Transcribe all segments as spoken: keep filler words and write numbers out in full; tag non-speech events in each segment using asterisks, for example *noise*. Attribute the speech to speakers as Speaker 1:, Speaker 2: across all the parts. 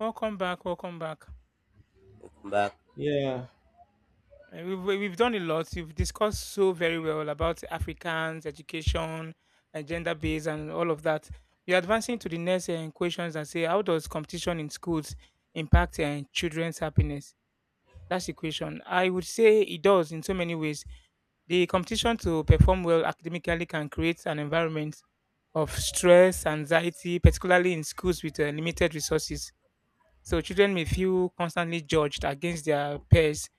Speaker 1: Welcome back. Welcome back.
Speaker 2: Welcome back.
Speaker 3: Yeah.
Speaker 1: Uh, we've we- we've done a lot. You've discussed so very well about Africans, education, and gender based, and all of that. We're advancing to the next uh, questions and say, how does competition in schools impact uh, children's happiness? That's the question. I would say it does in so many ways. The competition to perform well academically can create an environment of stress, anxiety, particularly in schools with uh, limited resources. So children may feel constantly judged against their peers.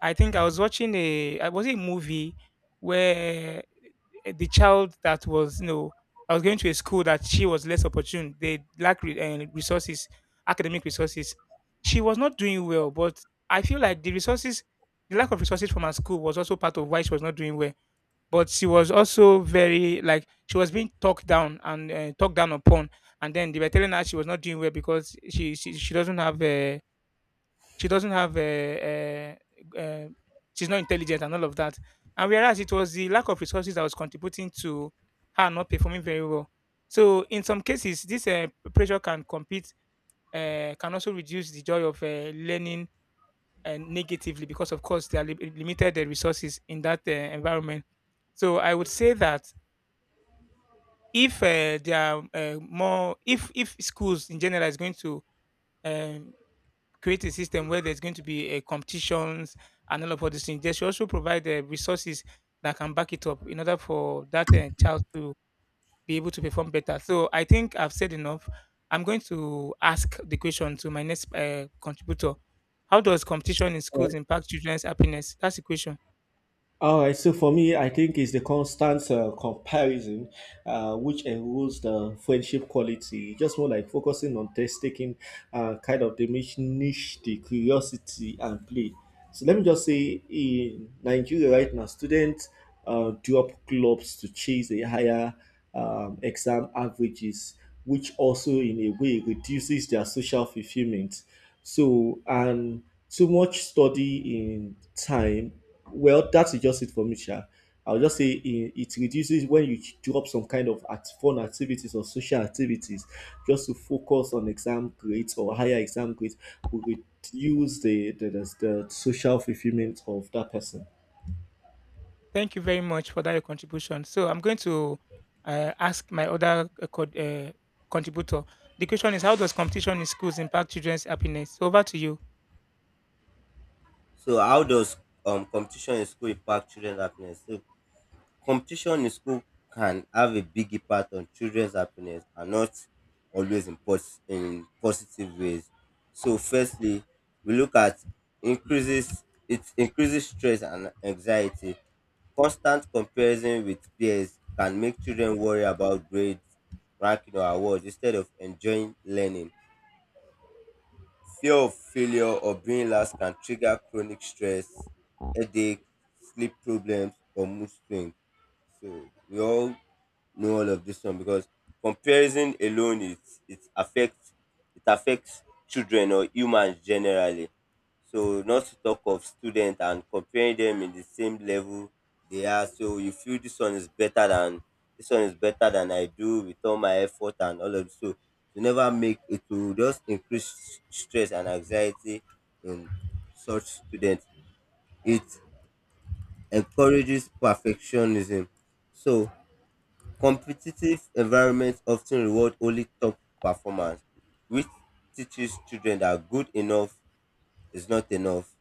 Speaker 1: I think I was watching a I was it a movie where eh, the child that was you know I was going to a school that she was less opportune. They lack re- eh, resources, academic resources. She was not doing well, but I feel like the resources, the lack of resources from her school was also part of why she was not doing well. But she was also very like she was being talked down and uh, talked down upon, and then they were telling her she was not doing well because she she, she doesn't have uh, she doesn't have a, uh uh she's not intelligent and all of that. And whereas it was the lack of resources that was contributing to her not performing very well. So in some cases, this uh, pressure can compete, uh, can also reduce the joy of uh, learning uh, negatively because, of course, there are li- limited uh, resources in that uh, environment. So I would say that if uh, there are uh, more, if if schools in general is going to um, create a system where there's going to be a competitions and all of all these things. They should also provide the resources that can back it up in order for that uh, child to be able to perform better. So I think I've said enough. I'm going to ask the question to my next uh, contributor. How does competition in schools impact children's happiness? That's the question.
Speaker 3: All right, so for me, I think it's the constant uh, comparison uh, which erodes the friendship quality. Just more like focusing on test taking, uh, kind of diminish the curiosity and play. So let me just say, in Nigeria right now, students uh, drop clubs to chase a higher um, exam averages, which also in a way reduces their social fulfillment. So and too much study in time well, that's just it for me, Sha. I'll just say it, it reduces when you drop some kind of at fun activities or social activities just to focus on exam grades or higher exam grades will reduce the, the, the, the social fulfillment of that person.
Speaker 1: Thank you very much for that your contribution. So I'm going to uh, ask my other uh, co- uh, contributor. The question is, how does competition in schools impact children's happiness? Over to you.
Speaker 2: So, how does um competition in school impact children's happiness? So, competition in school can have a big impact on children's happiness, and not always in, pos- in positive ways. So, firstly, we look at increases it increases stress and anxiety. Constant comparison with peers can make children worry about grades, ranking, or awards instead of enjoying learning. Fear of failure or being last can trigger chronic stress, headache, sleep problems, or mood swings. So we all know all of this one because comparison alone it it affects it affects children or humans generally, so not to talk of students and comparing them in the same level they are, so you feel this one is better than this one is better than I do with all my effort and all of this. So to never make it will just increase s- stress and anxiety in such students. It encourages perfectionism. So competitive environments often reward only top performance, which teaches children that good enough is not enough.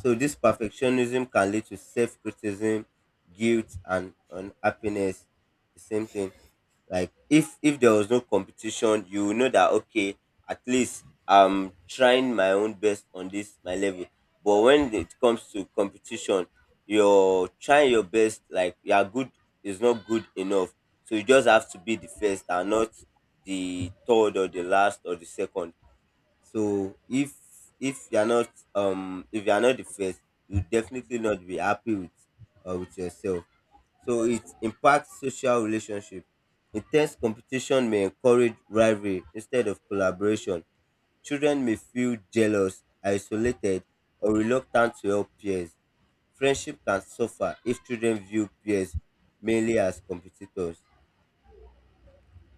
Speaker 2: So, this perfectionism can lead to self criticism, guilt, and unhappiness. The same thing, like if if there was no competition, you will know that, okay, at least I'm trying my own best on this my level. But when it comes to competition, you're trying your best, like your good is not good enough, so you just have to be the first and not the third or the last or the second. So if if you're not um if you're not the first, you definitely not be happy with uh, with yourself. So it impacts social relationship. Intense competition may encourage rivalry instead of collaboration. Children may feel jealous, isolated, or reluctant to help peers. Friendship can suffer if children view peers mainly as competitors.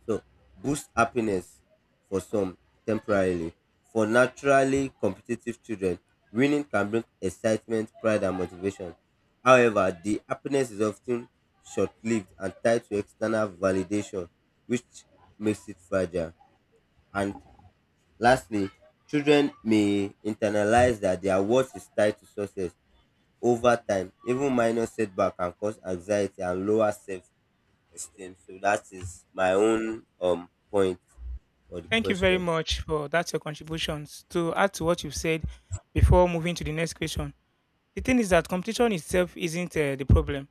Speaker 2: So, boost happiness for some temporarily. For naturally competitive children, winning can bring excitement, pride, and motivation. However, the happiness is often short lived and tied to external validation, which makes it fragile. And lastly, children may internalize that their worth is tied to success. Over time, even minor setback can cause anxiety and lower self esteem. So that is my own um point for the
Speaker 1: Thank you very
Speaker 2: question.
Speaker 1: much for that your contributions. To add to what you've said before moving to the next question, the thing is that competition itself isn't uh, the problem.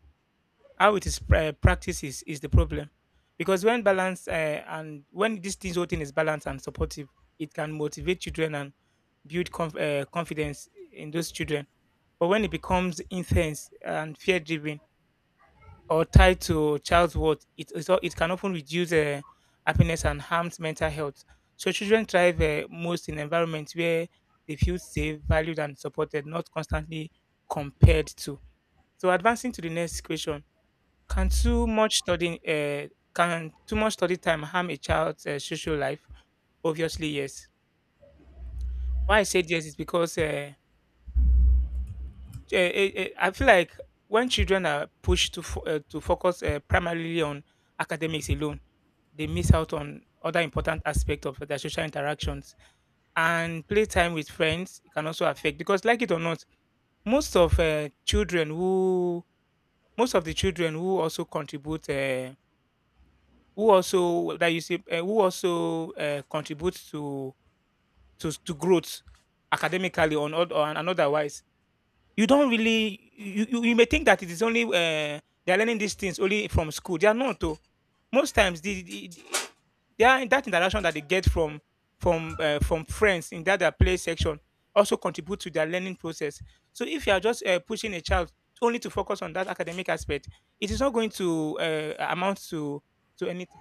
Speaker 1: How it is pra- practiced is, is the problem, because when balance uh, and when this thing, whole thing is balanced and supportive, it can motivate children and build conf- uh, confidence in those children. But when it becomes intense and fear driven, or tied to child's worth, it it, al- it can often reduce uh, happiness and harms mental health. So children thrive uh, most in environments where they feel safe, valued, and supported, not constantly compared to. So advancing to the next question: Can too much studying, uh, can too much study time harm a child's uh, social life? Obviously, yes. Why I said yes is because uh, eh, eh, eh, I feel like when children are pushed to fo- uh, to focus uh, primarily on academics alone, they miss out on other important aspects of their social interactions. And playtime with friends can also affect because, like it or not, most of uh, children who most of the children who also contribute, uh, who also that you see, uh, who also uh, contribute to to to growth academically on or, or and otherwise you don't really you, you, you may think that it is only uh, they're learning these things only from school. They are not though. Most times the, the, the they are in that interaction that they get from from uh, from friends in that their play section also contribute to their learning process. So if you are just uh, pushing a child only to focus on that academic aspect, it is not going to uh, amount to to anything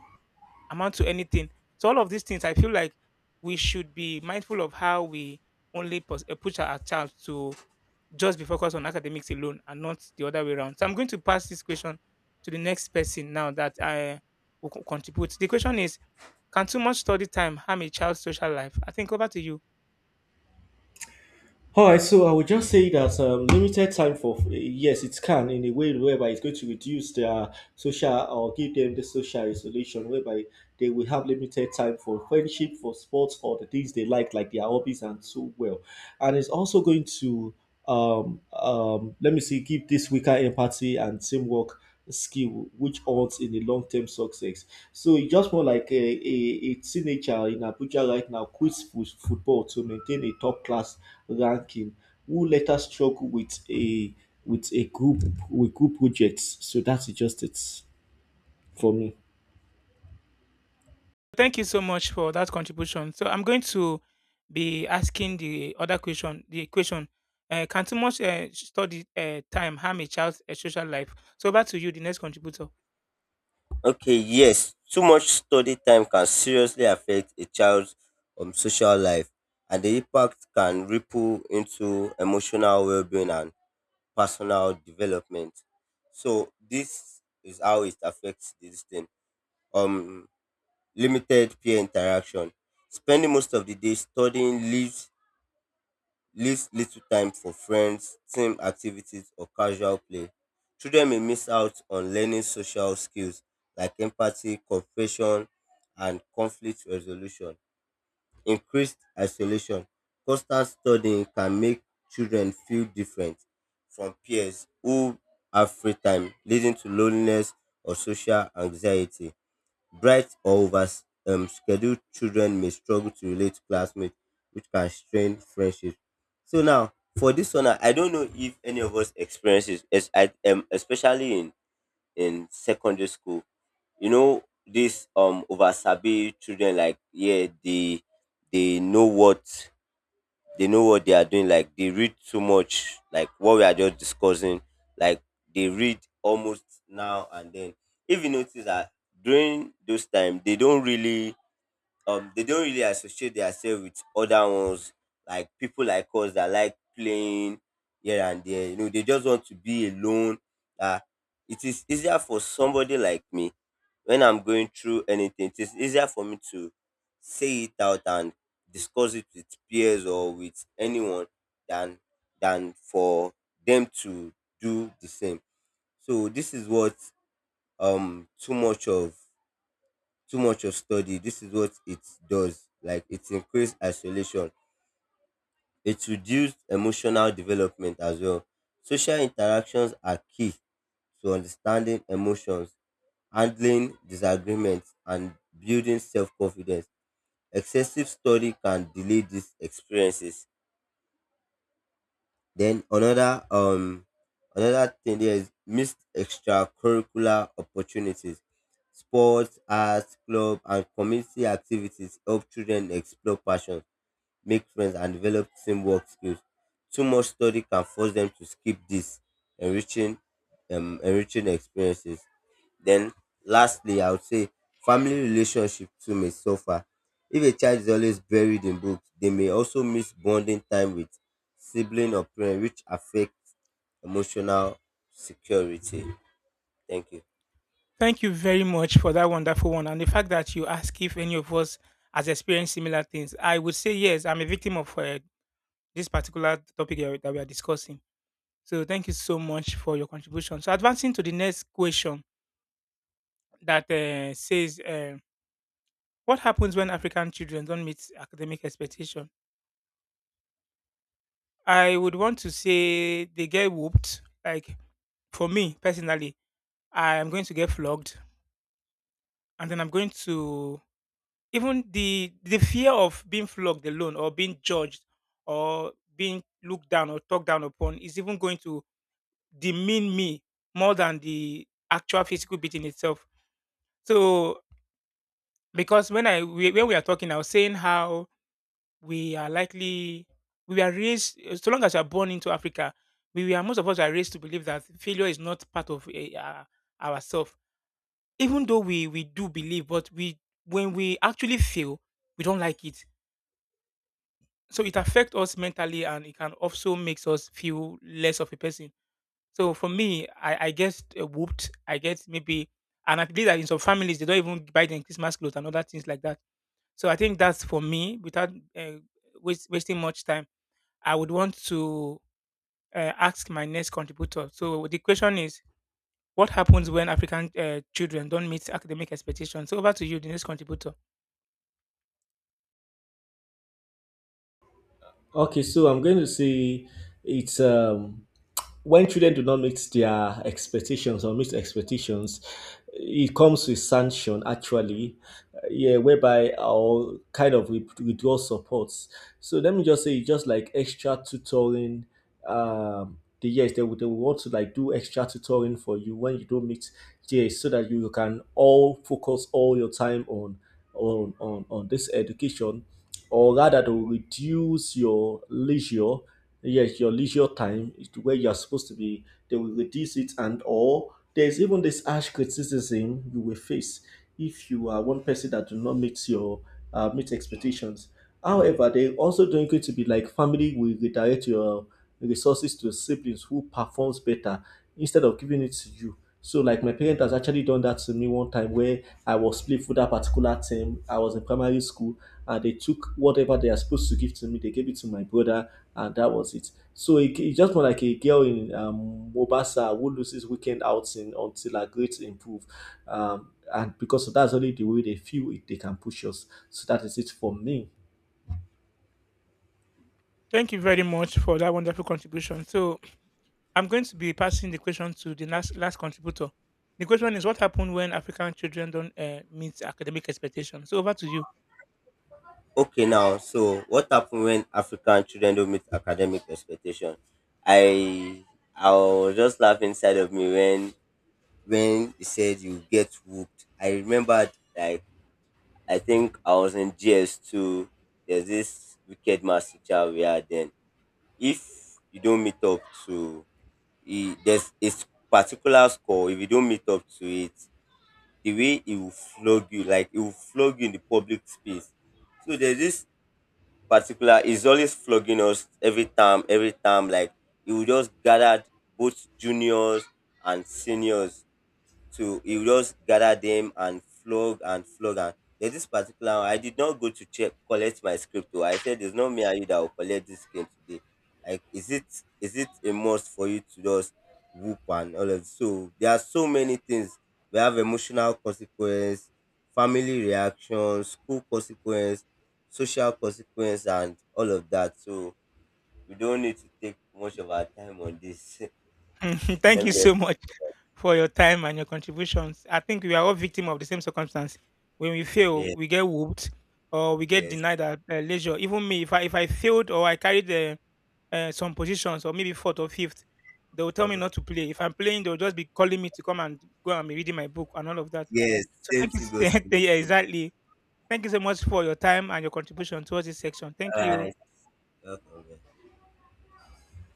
Speaker 1: amount to anything. So all of these things, I feel like we should be mindful of how we only pos- uh, push our child to just be focused on academics alone and not the other way around. So I'm going to pass this question to the next person now that I will co- contribute. The question is, can too much study time harm a child's social life? I think over to you.
Speaker 3: All right, so I would just say that um, limited time for yes, it can in a way whereby it's going to reduce their social or give them the social isolation, whereby they will have limited time for friendship, for sports, or the things they like, like their hobbies and so well. And it's also going to um, um, let me see, give this weaker empathy and teamwork skill, which odds in the long term success. So it's just more like a, a, a teenager in Abuja right now quits fo- football to maintain a top class ranking, who later struggled with a with a group with group projects. So that's just it for me.
Speaker 1: Thank you so much for that contribution. So I'm going to be asking the other question. The question: uh, Can too much uh, study uh, time harm a child's uh, social life? So back to you, the next contributor.
Speaker 2: Okay, yes, too much study time can seriously affect a child's um social life, and the impact can ripple into emotional well-being and personal development. So this is how it affects this thing. Um, Limited peer interaction. Spending most of the day studying leaves leaves little time for friends, team activities, or casual play. Children may miss out on learning social skills like empathy, cooperation, and conflict resolution. Increased isolation. Constant studying can make children feel different from peers who have free time, leading to loneliness or social anxiety. Bright or over um, scheduled children may struggle to relate to classmates, which can strain friendships. So now, for this one, I I don't know if any of us experiences, as I um, especially in in secondary school. You know, this um over sabi children, like, yeah, they they know what they know what they are doing. Like they read too much, like what we are just discussing. Like they read almost now and then. If you notice that during those time, they don't really um they don't really associate themselves with other ones like people like us that like playing here and there. You know, they just want to be alone. Uh, it is easier for somebody like me when I'm going through anything, it is easier for me to say it out and discuss it with peers or with anyone than than for them to do the same. So this is what um too much of too much of study. This is what it does. Like it increased isolation. It reduced emotional development as well. Social interactions are key to understanding emotions, handling disagreements, and building self confidence. Excessive study can delay these experiences. Then another um another thing there is missed extracurricular opportunities. Sports, arts, club, and community activities help children explore passion, make friends, and develop teamwork skills. Too much study can force them to skip these enriching, um, enriching experiences. Then, lastly, I would say family relationship too may suffer. If a child is always buried in books, they may also miss bonding time with sibling or parent, which affects emotional security. Thank you.
Speaker 1: Thank you very much for that wonderful one. And the fact that you ask if any of us has experienced similar things, I would say yes, I'm a victim of uh, this particular topic that we that we are discussing. So thank you so much for your contribution. So advancing to the next question that uh, says, uh, what happens when African children don't meet academic expectation? I would want to say they get whooped. Like for me personally, I am going to get flogged, and then I'm going to even the the fear of being flogged alone or being judged or being looked down or talked down upon is even going to demean me more than the actual physical beating itself. So because when I we, when we are talking, I was saying how we are likely we are raised eh, so long as you are born into Africa, we are most of us are raised to believe that failure is not part of eh, uh, ourselves. Even though we we do believe, but we when we actually fail, we don't like it. So it affects us mentally, and it can also makes us feel less of a person. So for me, I, I get eh, whooped. I get maybe, and I believe that in some families they don't even buy them Christmas clothes and other things like that. So I think that's for me. Without uh, waste, wasting much time, I would want to uh, ask my next contributor. So the question is, what happens when African uh, children don't meet academic expectations? So over to you, the next contributor.
Speaker 3: Okay, so I'm going to say it's um, when children do not meet their expectations or meet expectations, it comes with sanction actually, uh, yeah, whereby our kind of with- withdraw supports. So let me just say, it's just like extra tutoring. Um, the yes, they would they would want to like do extra tutoring for you when you don't meet yes, so that you can all focus all your time on on on on this education or rather to reduce your leisure yes your leisure time is to where you're supposed to be they will reduce it and or there's even this harsh criticism you will face if you are one person that do not meet your uh, meet expectations however they also don't going to be like family will redirect your resources to siblings who performs better instead of giving it to you so like my parent has actually done that to me one time where I was played for that particular team. I was in primary school uh, they took whatever they are supposed to give to me, they gave it to my brother, and that was it. So it, it's just more like a girl in um, Mobasa who loses weekend outing until her grades improve. Um, and because of that's only the way they feel it, they can push us. So that is it for me.
Speaker 1: Thank you very much for that wonderful contribution. So I'm going to be passing the question to the last last contributor. The question is, what happened when African children don't uh, meet academic expectations? So over to you.
Speaker 2: Okay, now, so what happened when African children don't meet academic expectation? I I was just laughing inside of me when when he said you get whooped. I remembered, like, I think I was in G S two. There's this wicked math teacher we had then. If you don't meet up to he, there's a s- particular score, if you don't meet up to it, the way he will flog you, like he will flog you in the public space. So there's this particular is always flogging us every time, every time. Like he will just gathered both juniors and seniors to he will just gather them and flog and flog and there's this particular one, I did not go to check collect my script oh. I said it's not me and you that will collect this game today. Like is it is it a must for you to just whoop and all of so there are so many things. We have emotional consequence, family reaction, school consequence, social consequence, and all of that. So we don't need to take much of our time on this.
Speaker 1: *laughs*
Speaker 2: *laughs*
Speaker 1: Thank
Speaker 2: Let
Speaker 1: you
Speaker 2: me just.
Speaker 1: so much for your time and your contributions. I think we are all victim of the same circumstance. When we fail,
Speaker 2: Yes,
Speaker 1: we get whooped or we get
Speaker 2: yes.
Speaker 1: denied our uh, leisure. Even me, if I if I failed or I carried uh, uh, some positions or maybe fourth or fifth, they will tell me
Speaker 2: Mm-hmm.
Speaker 1: not to play. If I'm playing, they'll just be calling me to come and go and be reading my book and all of that.
Speaker 2: Yes,
Speaker 1: So
Speaker 2: same
Speaker 1: thank you.
Speaker 2: thing goes to
Speaker 1: *laughs*
Speaker 2: you
Speaker 1: Yeah,
Speaker 2: too.
Speaker 1: exactly. Thank you so much for your time and your contribution towards this section. Thank
Speaker 2: All
Speaker 1: you.
Speaker 2: right, welcome, man.